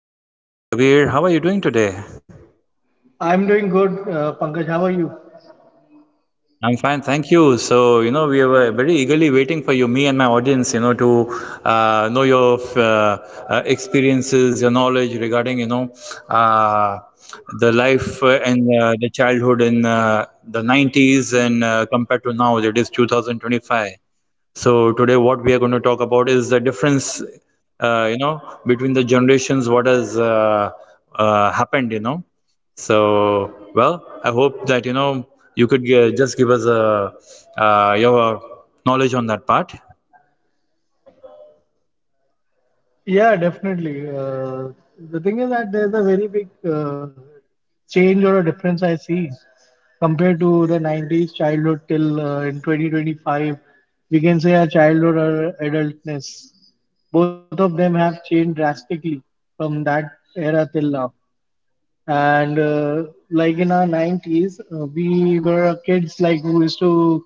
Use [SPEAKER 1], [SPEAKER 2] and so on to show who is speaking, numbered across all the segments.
[SPEAKER 1] Hi, welcome to my show, Kabir. How are you doing today?
[SPEAKER 2] I'm doing good, Pankaj. How are you?
[SPEAKER 1] I'm fine, thank you. So, we were very eagerly waiting for you, me and my audience, to know your experiences, your knowledge regarding, uh, the life and the childhood in the 90s and compared to now, that is 2025. So today what we are going to talk about is the difference, between the generations, what has happened, So, well, I hope that, you could just give us a, your knowledge on that part.
[SPEAKER 2] Yeah, definitely. The thing is that there's a very big change or a difference I see compared to the 90s childhood till in 2025. We can say our childhood or adultness. Both of them have changed drastically from that era till now. And Like in our 90s, we were kids like who used to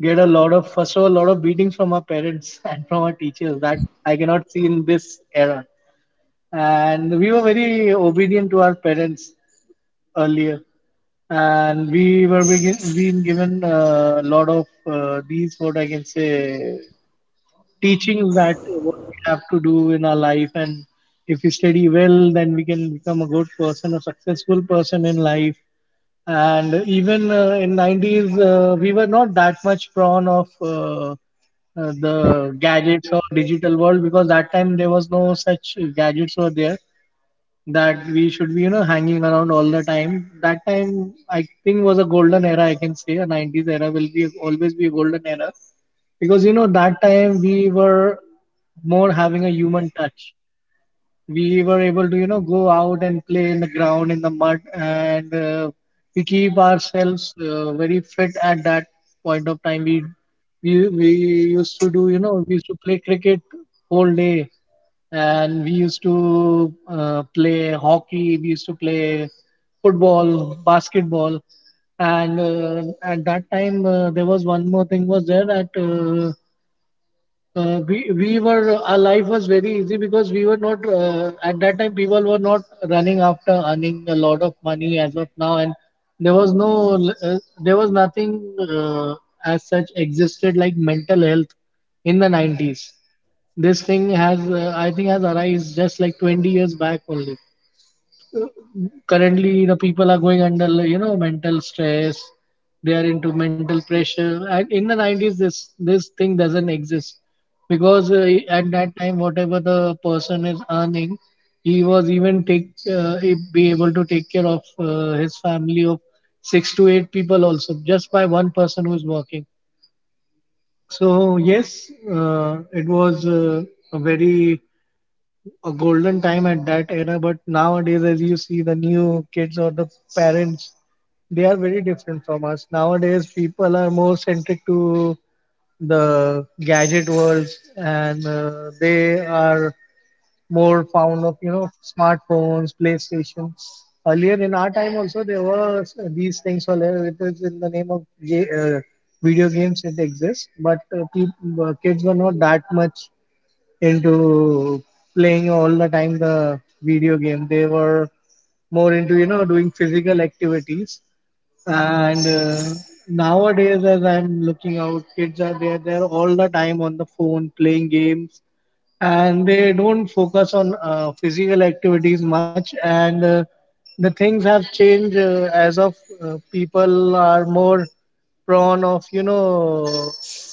[SPEAKER 2] get a lot of, first of all, a lot of beatings from our parents and from our teachers that I cannot see in this era. And we were very obedient to our parents earlier, and we were being given a lot of these, what I can say, teachings that what we have to do in our life, and if we study well, then we can become a good person, a successful person in life. And even in 90s, we were not that much prone of the gadgets or digital world, because that time there was no such gadgets were there that we should be, you know, hanging around all the time. That time, I think, was a golden era. I can say a 90s era will be always be a golden era, because, you know, that time we were more having a human touch. We were able to, you know, go out and play in the ground, in the mud. And We keep ourselves very fit. At that point of time, we used to do, you know, we used to play cricket whole day, and we used to play hockey, we used to play football, basketball. And At that time, there was one more thing was there, that we were, our life was very easy, because we were not, at that time people were not running after earning a lot of money as of now. And there was no, there was nothing as such existed like mental health in the 90s. This thing has, I think, has arisen just like 20 years back only. Currently the people are going under, you know, mental stress. They are into mental pressure, and in the 90s this thing doesn't exist, because at that time, whatever the person is earning, he was even take, he be able to take care of his family of six to eight people also, just by one person who is working. So yes, it was, a very, a golden time at that era. But nowadays, as you see, the new kids or the parents, they are very different from us. Nowadays, people are more centric to the gadget worlds, and they are more fond of, you know, smartphones, PlayStation. Earlier in our time also there were these things were there. It was in the name of uh, video games, it exists. But peop kids were not that much into playing all the time the video game. They were more into, you know, doing physical activities. And Nowadays, as I'm looking out, kids are there. They're all the time on the phone playing games, and they don't focus on physical activities much. And The things have changed, as of people are more prone of,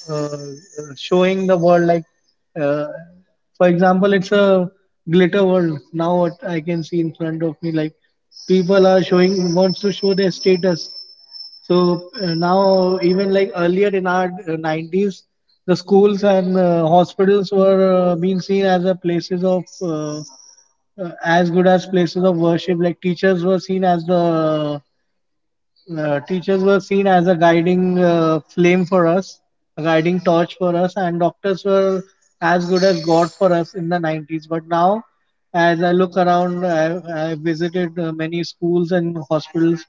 [SPEAKER 2] uh, uh, showing the world, like, uh, for example, it's a glitter world now, what I can see in front of me. Like, people are showing, wants to show their status. So now, even like earlier in our 90s, the schools and hospitals were being seen as a places of as good as places of worship. Like, teachers were seen as a guiding flame for us, a guiding torch for us, and doctors were as good as God for us in the 90s. But now, as I look around, I visited many schools and hospitals.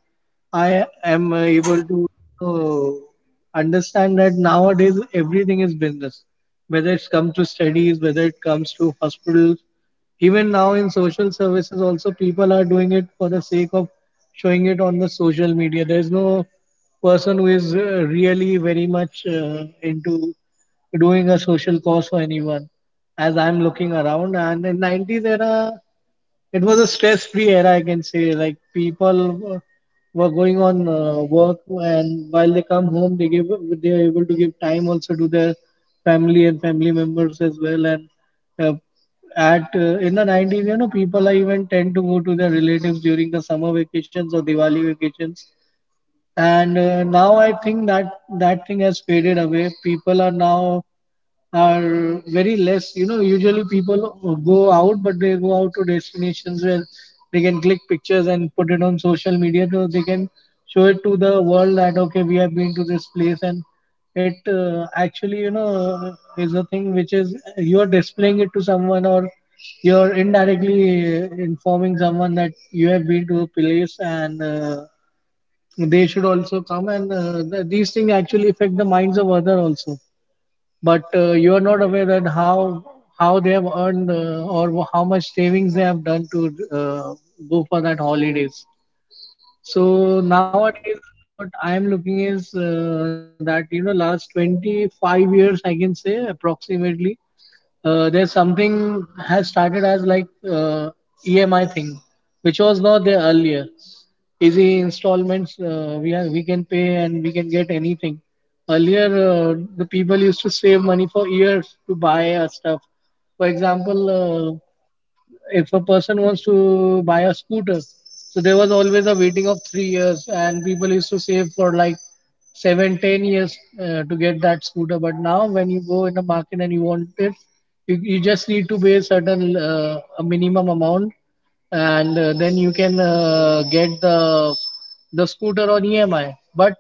[SPEAKER 2] I am able to, you know, understand that nowadays everything is business, whether it comes to studies, whether it comes to hospitals. Even now in social services also, people are doing it for the sake of showing it on the social media. There's no person who is, really very much into doing a social cause for anyone, as I'm looking around. And in 90s era, it was a stress-free era, I can say. Like, people were going on work, and while they come home, they are able to give time also to their family and family members as well. And uh, at In the 90s, you know, people are even tend to go to their relatives during the summer vacations or Diwali vacations. And Now I think that thing has faded away. People are now are very less. You know, usually people go out, but they go out to destinations where they can click pictures and put it on social media, so they can show it to the world that, okay, we have been to this place. And it Actually, you know, is a thing which is you are displaying it to someone, or you're indirectly informing someone that you have been to a place, and they should also come. And these things actually affect the minds of other also. But you are not aware that how they have earned, or how much savings they have done to go for that holidays. So nowadays, what I am looking is, that, you know, last 25 years I can say approximately, there's something has started as like EMI thing, which was not there earlier. Easy installments, we can pay and we can get anything. Earlier, the people used to save money for years to buy a stuff. For example, uh, if a person wants to buy a scooter, so there was always a waiting of 3 years, and people used to save for like seven, 10 years to get that scooter. But now, when you go in the market and you want it, you just need to pay certain a minimum amount, and then you can get the scooter on EMI. But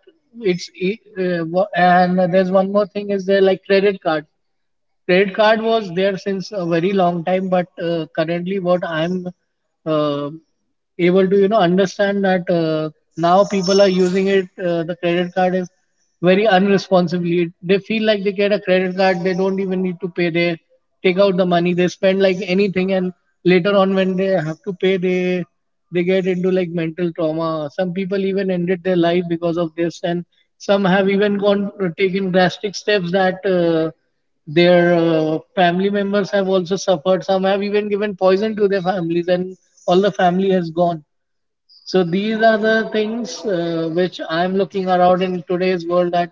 [SPEAKER 2] it's and there's one more thing is there, like credit card. Credit card was there since a very long time, but currently what I'm uh, able to, you know, understand that, now people are using it. The credit card is very unresponsibly. They feel like they get a credit card, they don't even need to pay. They take out the money, they spend like anything, and later on when they have to pay, they get into like mental trauma. Some people even ended their life because of this, and some have even gone taken drastic steps that their family members have also suffered. Some have even given poison to their families, and all the family has gone. So these are the things which I am looking around in today's world, that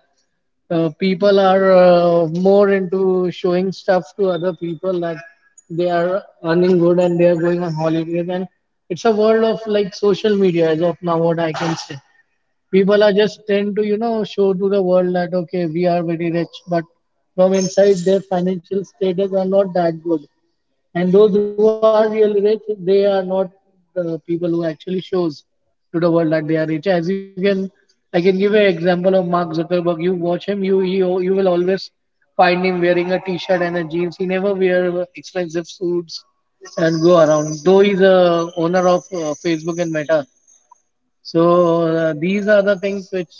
[SPEAKER 2] people are more into showing stuff to other people, that they are earning good and they are going on holidays. And it's a world of like social media as of now, what I can say. People are just tend to, you know, show to the world that, okay, we are very rich, but from inside their financial status are not that good. And those who are really rich, they are not the people who actually shows to the world that they are rich. As you can, I can give an example of Mark Zuckerberg. You watch him, you will always find him wearing a T-shirt and a jeans. He never wear expensive suits and go around, though he's a owner of Facebook and Meta. So these are the things which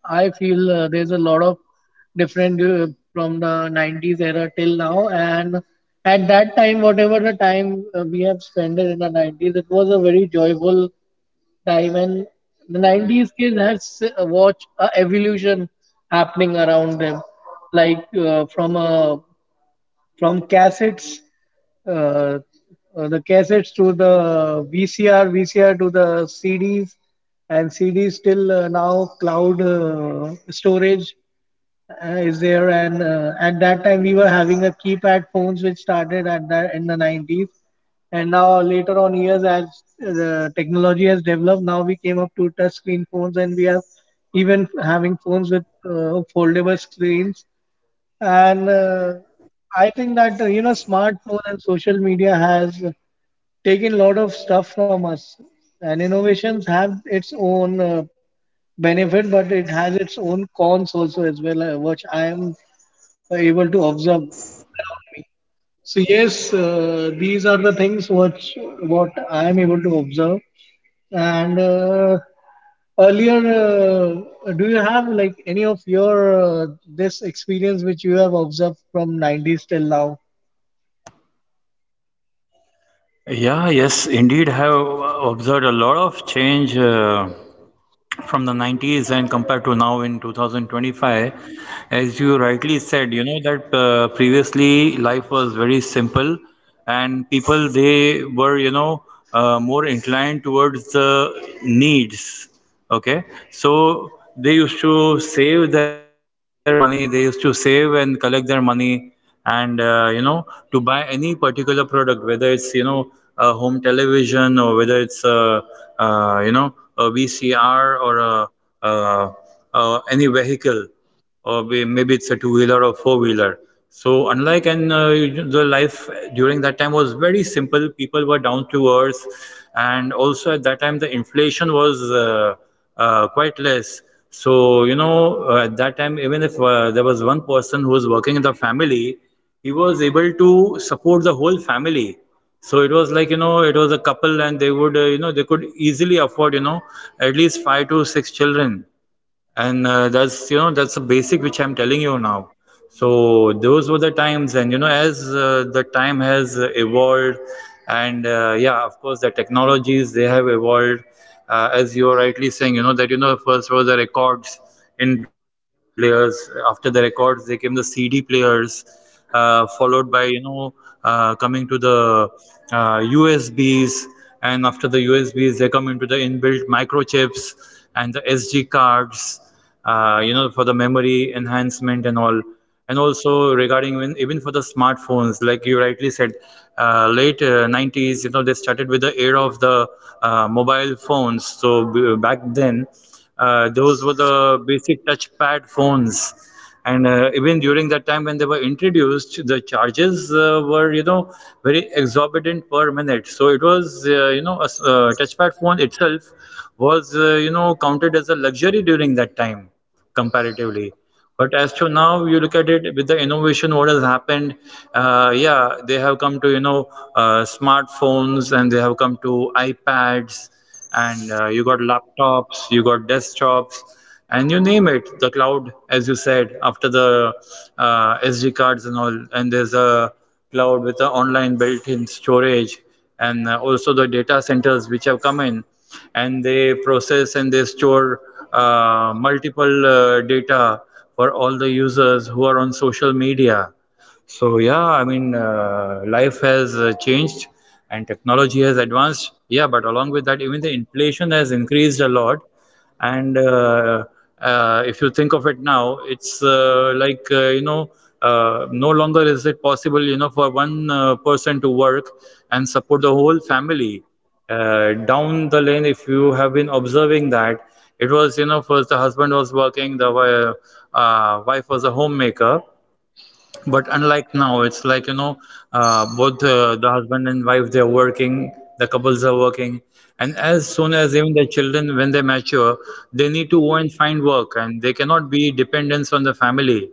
[SPEAKER 2] I feel, there's a lot of different from the 90s era till now. And at that time, whatever the time we have spent in the 90s, it was a very joyful time. And the 90s kids has watched a evolution happening around them, like from cassettes, uh, the cassettes to the VCR, VCR to the CDs, and CDs till now cloud storage is there. And At that time, we were having a keypad phones which started at that in the 90s. And now later on years, as the technology has developed, now we came up to touch screen phones, and we are even having phones with foldable screens and I think that smartphone and social media has taken a lot of stuff from us, and innovations have its own benefit, but it has its own cons also as well, which I am able to observe around me. So yes, these are the things which what I am able to observe. and uh, do you have like any of your this experience which you have observed from 90s till now?
[SPEAKER 1] Yeah, yes, indeed, I have observed a lot of change. From the 90s and compared to now in 2025, as you rightly said, that previously life was very simple, and people, they were, more inclined towards the needs. Okay, so they used to save their money, they used to save and collect their money, and to buy any particular product, whether it's, a home television, or whether it's a, a VCR, or a, uh any vehicle, or maybe it's a two wheeler or four wheeler. So, unlike, and the life during that time was very simple. People were down to earth, and also at that time the inflation was quite less. So, at that time, even if there was one person who was working in the family, he was able to support the whole family. So it was like, it was a couple, and they would, they could easily afford, at least five to six children. And that's, that's a basic which I'm telling you now. So those were the times, and as the time has evolved, and yeah, of course, the technologies, they have evolved, as you are rightly saying, that, first were the records in players. After the records, they came the CD players, followed by, coming to the USBs, and after the USBs, they come into the inbuilt microchips and the SD cards, for the memory enhancement and all. And also, regarding, when even for the smartphones, like you rightly said, late 90s, they started with the era of the mobile phones. So, back then, those were the basic touchpad phones, and even during that time when they were introduced, the charges were, very exorbitant per minute. So it was, a touchpad phone itself was, counted as a luxury during that time, comparatively. But as to now, you look at it, with the innovation, what has happened? Yeah, they have come to, smartphones, and they have come to iPads, and you got laptops, you got desktops, and you name it. The cloud, as you said, after the SD cards and all, and there's a cloud with the online built-in storage, and also the data centers which have come in, and they process and they store multiple data for all the users who are on social media. So, yeah, I mean, life has changed, and technology has advanced, yeah, but along with that, even the inflation has increased a lot. And if you think of it now, it's like, no longer is it possible, for one person to work and support the whole family. Down the lane, if you have been observing that, it was, first the husband was working, the wife was a homemaker. But unlike now, it's like, both the husband and wife, they're working, the couples are working. And as soon as even the children, when they mature, they need to go and find work, and they cannot be dependents on the family.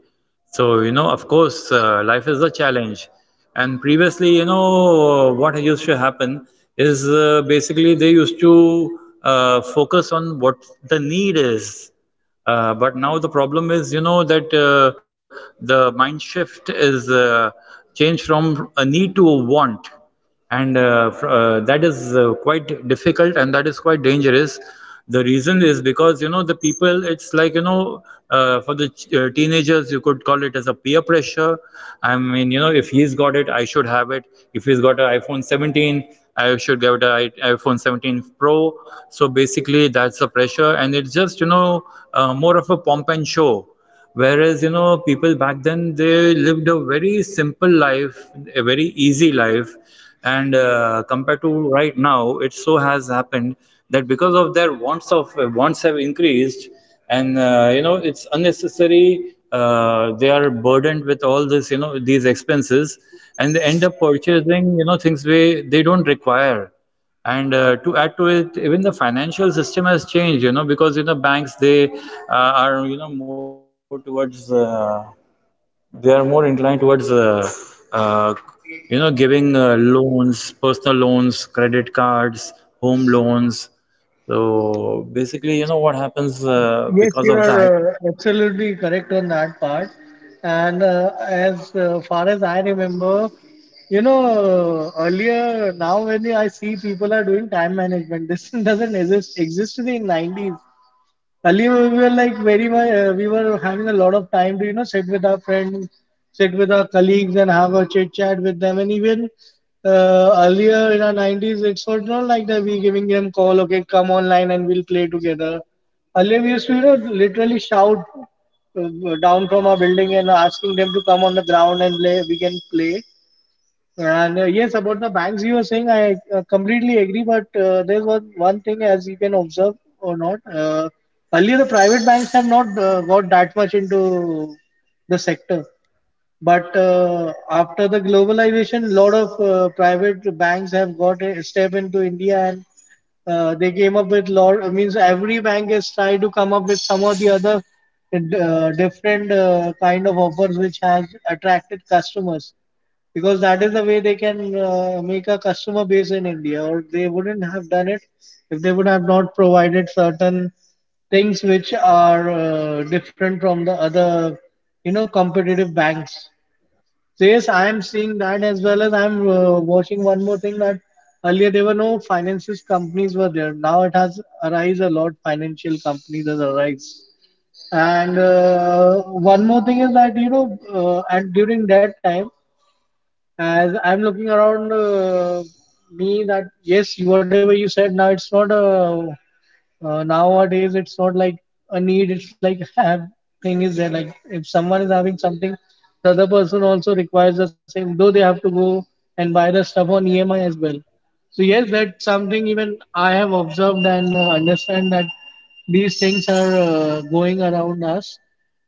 [SPEAKER 1] So, of course, life is a challenge. And previously, what used to happen is basically they used to focus on what the need is, but now the problem is, that the mind shift is changed from a need to a want, and that is quite difficult, and that is quite dangerous. The reason is because, the people, it's like, for the teenagers, you could call it as a peer pressure. I mean, if he's got it, I should have it. If he's got an iPhone 17, I should get an right iPhone 17 Pro. So basically that's the pressure, and it's just, more of a pomp and show. Whereas, people back then, they lived a very simple life, a very easy life. And compared to right now, it so has happened that because of their wants, of wants have increased. And it's unnecessary, they are burdened with all this, these expenses, and they end up purchasing, things they don't require. And to add to it, even the financial system has changed, because, banks, they are, more towards they are more inclined towards uh, giving loans, personal loans, credit cards, home loans. So basically, what happens
[SPEAKER 2] Yes, you
[SPEAKER 1] because of
[SPEAKER 2] are
[SPEAKER 1] that.
[SPEAKER 2] absolutely correct on that part. And as far as I remember, you know, earlier, now when I see people are doing time management, this doesn't exist in the 90s. Earlier we were like very much, we were having a lot of time to, you know, sit with our friends, sit with our colleagues and have a chit chat with them. And even earlier in our 90s, it's not like that we giving them call, okay, come online and we'll play together. Earlier we used to, you know, literally shout down from our building and asking them to come on the ground and play, we can play. And yes, about the banks you were saying, I completely agree. But there's one thing as you can observe or not. Earlier, the private banks have not got that much into the sector, but after the globalization, lot of private banks have got a step into India, and they came up with lot means every bank has tried to come up with some or the other different kind of offers which has attracted customers, because that is the way they can make a customer base in India, or they wouldn't have done it if they would have not provided certain things which are different from the other, you know, competitive banks. So yes, I am seeing that, as well as I'm watching one more thing, that earlier there were no finances companies were there. Now it has arise a lot. Financial companies has arise. And one more thing is that, you know, and during that time, as I'm looking around me, that yes, whatever you said now, it's not a nowadays it's not like a need, it's like have thing is there, like if someone is having something, the other person also requires the same, though they have to go and buy the stuff on emi as well. So yes, that's something even I have observed, and understand that these things are going around us.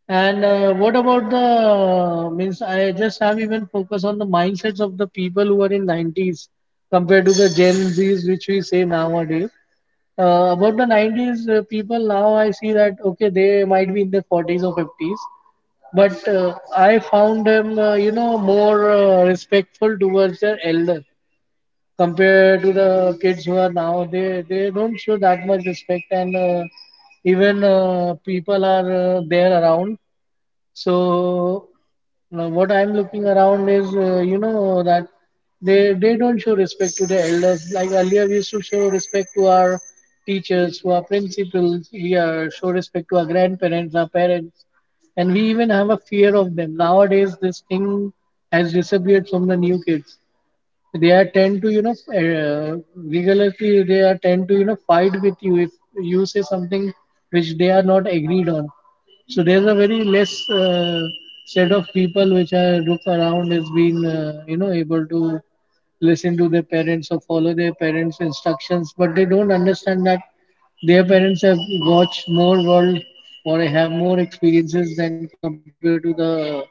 [SPEAKER 2] And what about the means? I just have even focus on the mindsets of the people who are in 90s compared to the Gen Zs, which we say nowadays. About the 90s people, now I see that okay, they might be in their 40s or 50s, but I found them, more respectful towards their elder compared to the kids who are now, they don't show that much respect. And even people are there around. So now, what I'm looking around is, you know, that they don't show respect to the elders. Like earlier, we used to show respect to our teachers, to our principals. We are show respect to our grandparents, our parents, and we even have a fear of them. Nowadays, this thing has disappeared from the new kids. They are tend to, rigorously, they are tend to, you know, fight with you if you say something which they are not agreed on. So there's a very less set of people which are look around has been, able to listen to their parents or follow their parents instructions, but they don't understand that their parents have watched more world, or have more experiences than compared to the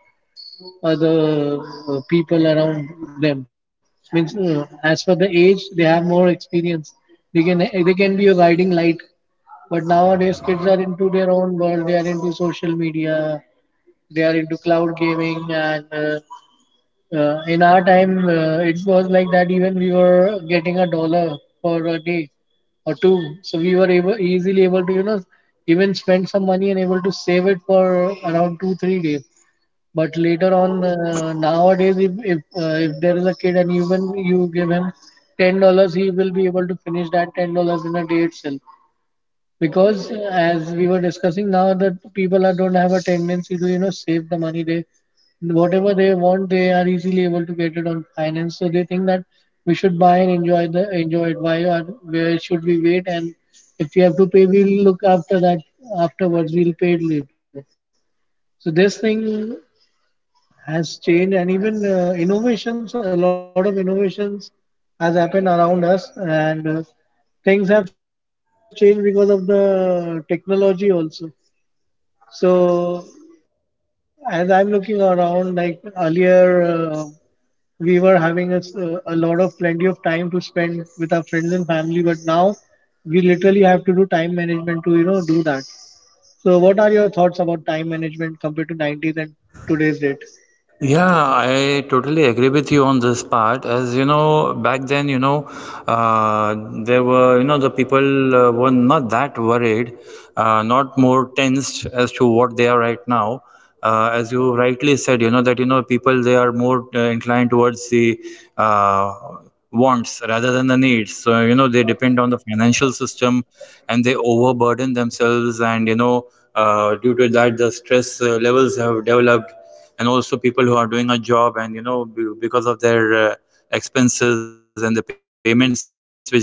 [SPEAKER 2] people around them. Means as for the age, they have more experience. They can be a guiding light. But nowadays, kids are into their own world. They are into social media. They are into cloud gaming. And in our time, it was like that. Even we were getting a dollar for a day or two, so we were able easily able to, you know, even spend some money and able to save it for around 2 3 days. But later on, nowadays, if there is a kid and even you give him $10, he will be able to finish that $10 in a day itself. Because as we were discussing now, that people are, don't have a tendency to, you know, save the money. They, whatever they want, they are easily able to get it on finance. So they think that we should buy and enjoy, the enjoy it. Why or where should we wait? And if we have to pay, we'll look after that afterwards. We'll pay it later. So this thing has changed, and even innovations a lot of innovations has happened around us. And things have changed because of the technology also. So as I'm looking around, like earlier, we were having a, a lot of plenty of time to spend with our friends and family, but now we literally have to do time management to, you know, do that. So what are your thoughts about time management compared to 90s and today's date?
[SPEAKER 1] Yeah, I totally agree with you on this part. As you know, back then, uh, there were, the people were not that worried, not more tensed as to what they are right now. As you rightly said, that, people, they are more inclined towards the wants rather than the needs. So, they depend on the financial system, and they overburden themselves. And, due to that, the stress levels have developed. And also, people who are doing a job, and, because of their expenses and the payments which they got to do for the,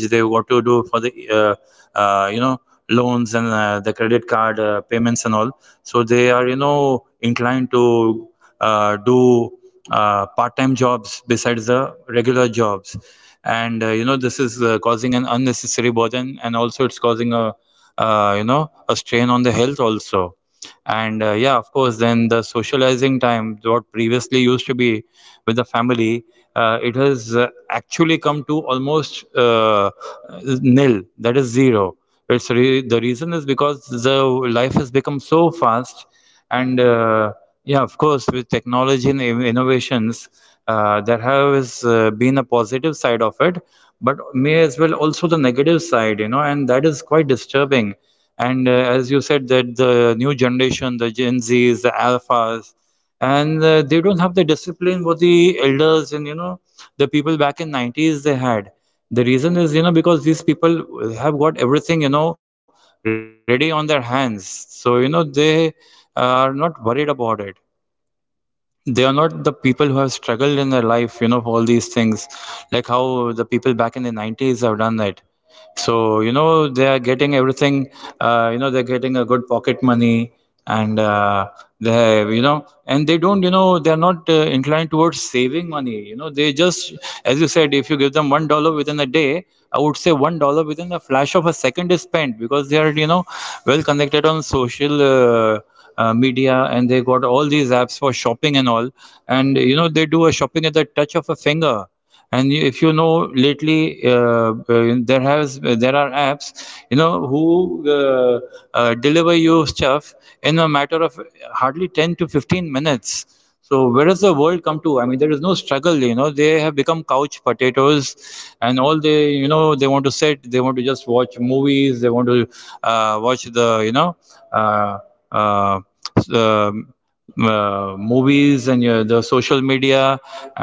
[SPEAKER 1] uh, uh, you know, loans and the credit card payments and all. So, they are, inclined to do part-time jobs besides the regular jobs. And this is causing an unnecessary burden, and also it's causing a, a strain on the health also. And yeah, of course, then the socializing time what previously used to be with the family, it has actually come to almost nil, that is zero. The reason is because the life has become so fast. And yeah, of course, with technology and innovations, there has been a positive side of it, but may as well also the negative side, and that is quite disturbing. And as you said, that the new generation, the Gen Zs, the Alphas, and they don't have the discipline what the elders, and the people back in 90s, they had. The reason is, because these people have got everything, ready on their hands. So, they are not worried about it. They are not the people who have struggled in their life, for all these things, like how the people back in the 90s have done that. So, they are getting everything, they're getting a good pocket money, and they have, and they don't, they're not inclined towards saving money. They just, as you said, if you give them $1 within a day, I would say $1 within a flash of a second is spent, because they are, well connected on social media, and they got all these apps for shopping and all. And, you know, they do a shopping at the touch of a finger and if you know lately there are apps you know who deliver you stuff in a matter of hardly 10 to 15 minutes. So where does the world come to? I mean, there is no struggle, you know, they have become couch potatoes. And all, they, you know, they want to sit, they want to just watch movies, they want to watch the uh, uh, s- um movies and the social media.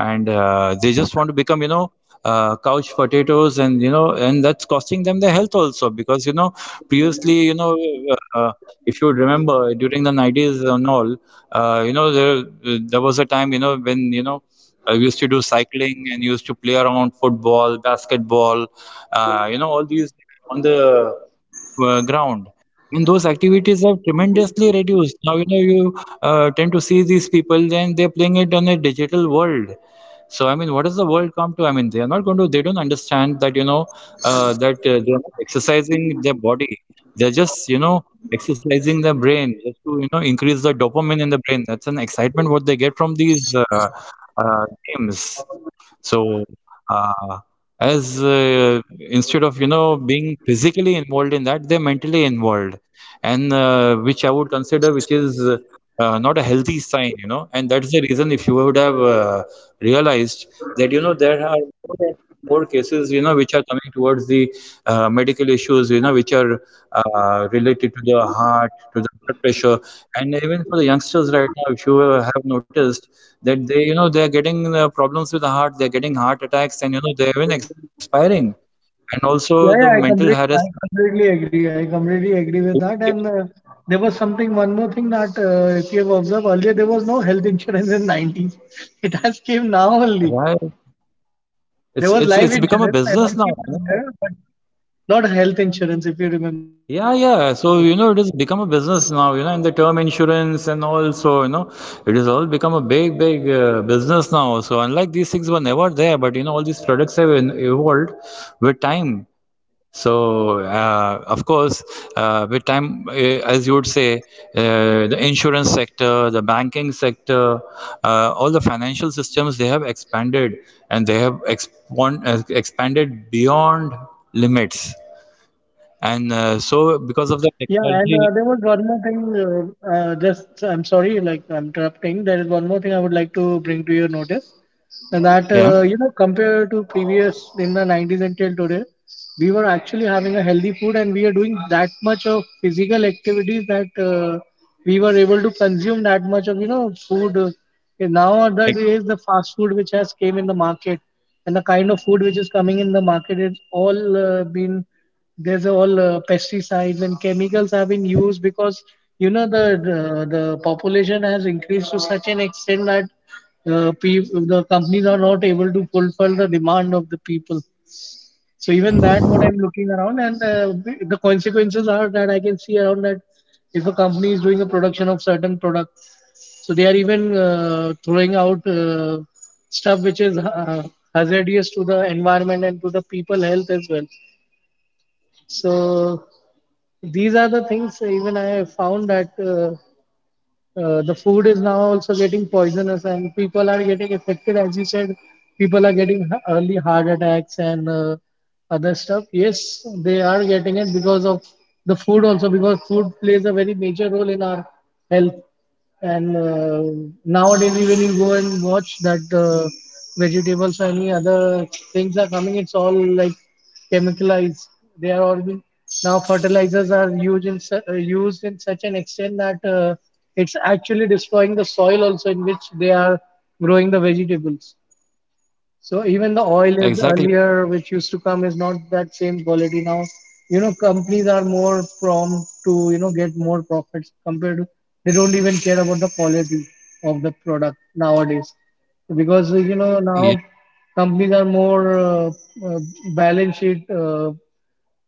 [SPEAKER 1] And they just want to become, you know, couch potatoes. And you know, and that's costing them their health also, because you know, previously, you know, uh, if you would remember, during the 90s and all, you know, there was a time, you know, when you know, I used to do cycling and used to play around football, basketball, you know, all these on the ground. And those activities have tremendously reduced now, you know. You tend to see these people, then they're playing it on a digital world. So I mean, what does the world come to? I mean, they are not going to, they don't understand that, you know, that they're not exercising their body, they're just, you know, exercising their brain just to, you know, increase the dopamine in the brain. That's an excitement what they get from these games. So, uh, as instead of, you know, being physically involved in that, they're mentally involved, and which I would consider, which is not a healthy sign, you know. And that's the reason, if you would have realized that, you know, there are more and more cases, you know, which are coming towards the medical issues, you know, which are related to the heart, to the blood pressure, and even for the youngsters right now, if you have noticed that they, you know, they're getting problems with the heart, they're getting heart attacks, and you know, they're even expiring, and also the mental
[SPEAKER 2] I
[SPEAKER 1] harassment.
[SPEAKER 2] completely agree. I completely agree with that. And there was something, one more thing that, if you have observed, earlier, there was no health insurance in 90s. It has came now
[SPEAKER 1] Right.
[SPEAKER 2] only. There was life
[SPEAKER 1] It's it's
[SPEAKER 2] insurance,
[SPEAKER 1] it's become
[SPEAKER 2] LIC
[SPEAKER 1] a
[SPEAKER 2] was
[SPEAKER 1] business
[SPEAKER 2] there,
[SPEAKER 1] now,
[SPEAKER 2] but
[SPEAKER 1] you know.
[SPEAKER 2] not health insurance if you remember.
[SPEAKER 1] Yeah, yeah. So, you know, it has become a business now, you know, and the term insurance and also, you know, it has all become a big, big business now. So, unlike these things were never there, but, you know, all these products have evolved with time. So, of course, with time, as you would say, the insurance sector, the banking sector, all the financial systems, they have expanded, and they have expanded beyond limits. And
[SPEAKER 2] Yeah, and
[SPEAKER 1] so,
[SPEAKER 2] there
[SPEAKER 1] because
[SPEAKER 2] was
[SPEAKER 1] of the
[SPEAKER 2] one more thing.
[SPEAKER 1] technology,
[SPEAKER 2] Just, I'm sorry, like I'm interrupting. There is one more thing I would like to bring to your notice. And that,
[SPEAKER 1] yeah,
[SPEAKER 2] you know, compared to previous, in the 90s until today, we were actually having a healthy food, and we are doing that much of physical activities that we were able to consume that much of, you know, food. And Now that
[SPEAKER 1] ex-
[SPEAKER 2] is the fast food which has came in the market, and the kind of food which is coming in the market, it's all, been there's all pesticides and chemicals have been used, because, you know, the population has increased to such an extent that uh, pe- the companies are not able to fulfill the demand of the people. So even that, what I'm looking around, and the consequences are that I can see around, that if a company is doing a production of certain product, so they are even throwing out stuff which is hazardous to the environment and to the people health as well. So these are the things even I have found, that the food is now also getting poisonous and people are getting affected. As you said, people are getting early heart attacks and other stuff. Yes, they are getting it because of the food also, because food plays a very major role in our health. And nowadays, even you go and watch that vegetables or any other things are coming, it's all like chemicalized. They are all been, now fertilizers are used in used in such an extent that it's actually destroying the soil also in which they are growing the vegetables. So even the oil
[SPEAKER 1] exactly.
[SPEAKER 2] is earlier, which used to come, is not that same quality now. You know, companies are more prompt to, you know, get more profits, compared to, they don't even care about the quality of the product nowadays, because you know,
[SPEAKER 1] Ye-
[SPEAKER 2] now companies are more uh, balance sheet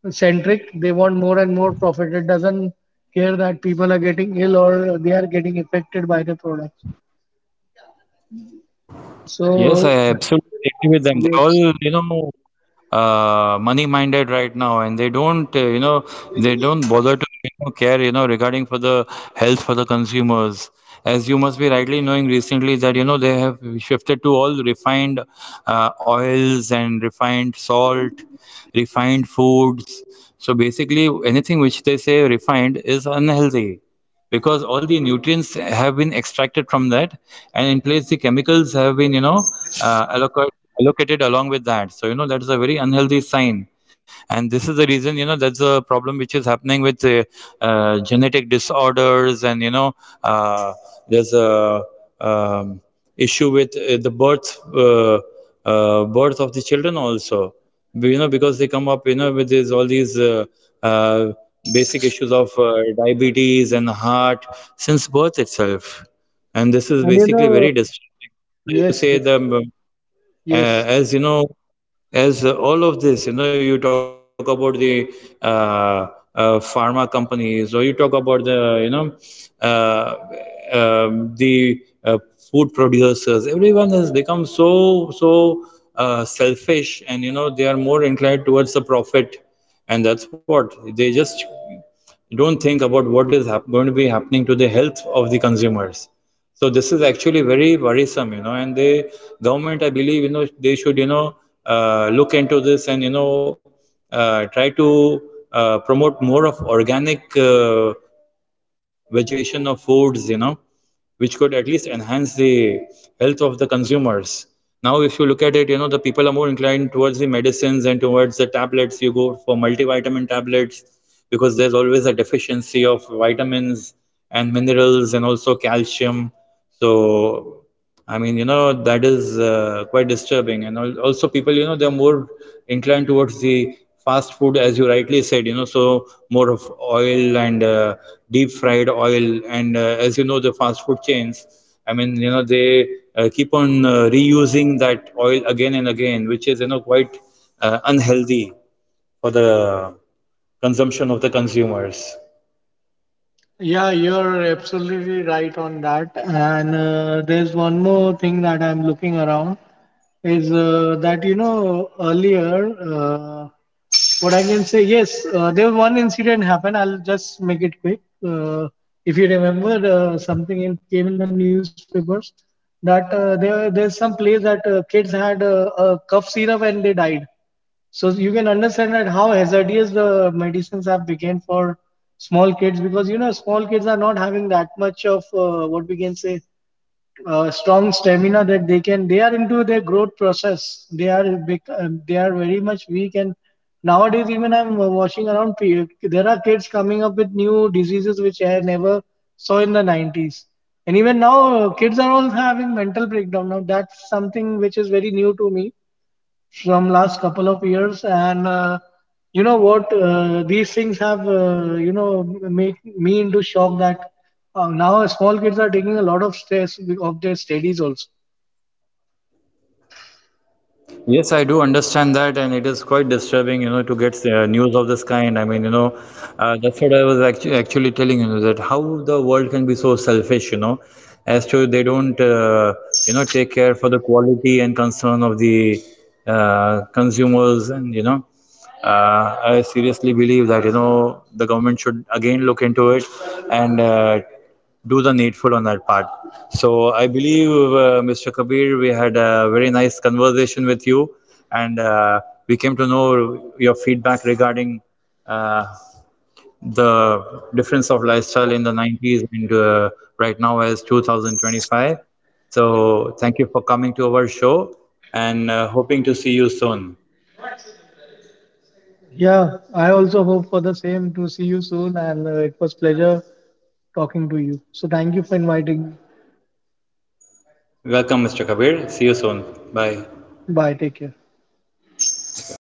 [SPEAKER 2] centric. They want more and more profit. It doesn't care that people are getting ill or they are getting affected by the products.
[SPEAKER 1] Yes,
[SPEAKER 2] So
[SPEAKER 1] I absolutely agree with them. They're
[SPEAKER 2] yes,
[SPEAKER 1] all, you know, money-minded right now, and they don't, you know, they don't bother to, you know, care, you know, regarding for the health for the consumers. As you must be rightly knowing recently that, you know, they have shifted to all refined oils and refined salt, refined foods. So basically, anything which they say refined is unhealthy, because all the nutrients have been extracted from that, and in place the chemicals have been, you know, allocated along with that. So you know that is a very unhealthy sign. And this is the reason, you know, that's a problem which is happening with genetic disorders, and you know, uh, there's a um, issue with the birth of the children also, you know, because they come up, you know, with these, all these uh, basic issues of diabetes and heart since birth itself. And this is
[SPEAKER 2] and you
[SPEAKER 1] basically very
[SPEAKER 2] know.
[SPEAKER 1] disturbing, you know. As you
[SPEAKER 2] Yes,
[SPEAKER 1] say,
[SPEAKER 2] yes,
[SPEAKER 1] the
[SPEAKER 2] yes, yes.
[SPEAKER 1] uh,
[SPEAKER 2] Yes.
[SPEAKER 1] as you know, as all of this, you know, you talk about the uh, pharma companies, or you talk about the, you know, the food producers. Everyone has become so selfish, and you know, they are more inclined towards the profit, and that's what they just don't think about what is going to be happening to the health of the consumers. So this is actually very worrisome, you know. And the government, I believe, you know, they should, you know, look into this, and you know, try to promote more of organic vegetation of foods, you know, which could at least enhance the health of the consumers. Now, if you look at it, you know, the people are more inclined towards the medicines and towards the tablets. You go for multivitamin tablets because there's always a deficiency of vitamins and minerals and also calcium. So, I mean, you know, that is quite disturbing. And also, people, you know, they're more inclined towards the fast food, as you rightly said, you know, so more of oil and deep fried oil. And as you know, the fast food chains, I mean, you know, they keep on reusing that oil again and again, which is, you know, quite unhealthy for the consumption of the consumers.
[SPEAKER 2] Yeah, you're absolutely right on that. And there's one more thing that I'm looking around is, that, you know, earlier, what I can say, yes, there was one incident happened. I'll just make it quick. If you remember, something in, came in the newspapers that there's some place that kids had cough syrup and they died. So you can understand that how hazardous the medicines have become for small kids, because you know, small kids are not having that much of, what we can say, strong stamina, that they can, they are into their growth process, they are very much weak. And nowadays, even I'm watching around there are kids coming up with new diseases which I never saw in the 90s. And even now, kids are all having mental breakdown now. That's something which is very new to me from last couple of years. And you know what, these things have, you know, made me into shock, that now small kids are taking a lot of stress of their studies also.
[SPEAKER 1] Yes, I do understand that, and it is quite disturbing, you know, to get news of this kind. I mean, you know, that's what I was actually telling you that how the world can be so selfish, you know, as to they don't, you know, take care for the quality and concern of the consumers, and you know, I seriously believe that, you know, the government should again look into it, and do the needful on that part. So I believe, Mr. Kabir, we had a very nice conversation with you, and we came to know your feedback regarding uh, the difference of lifestyle in the 90s and right now as 2025. So thank you for coming to our show, and hoping to see you soon.
[SPEAKER 2] Yeah, I also hope for the same to see you soon, and it was pleasure talking to you. So thank you for inviting
[SPEAKER 1] Welcome, Mr. Kabir. See you soon. Bye.
[SPEAKER 2] me. Bye. Take care.
[SPEAKER 1] Thank you.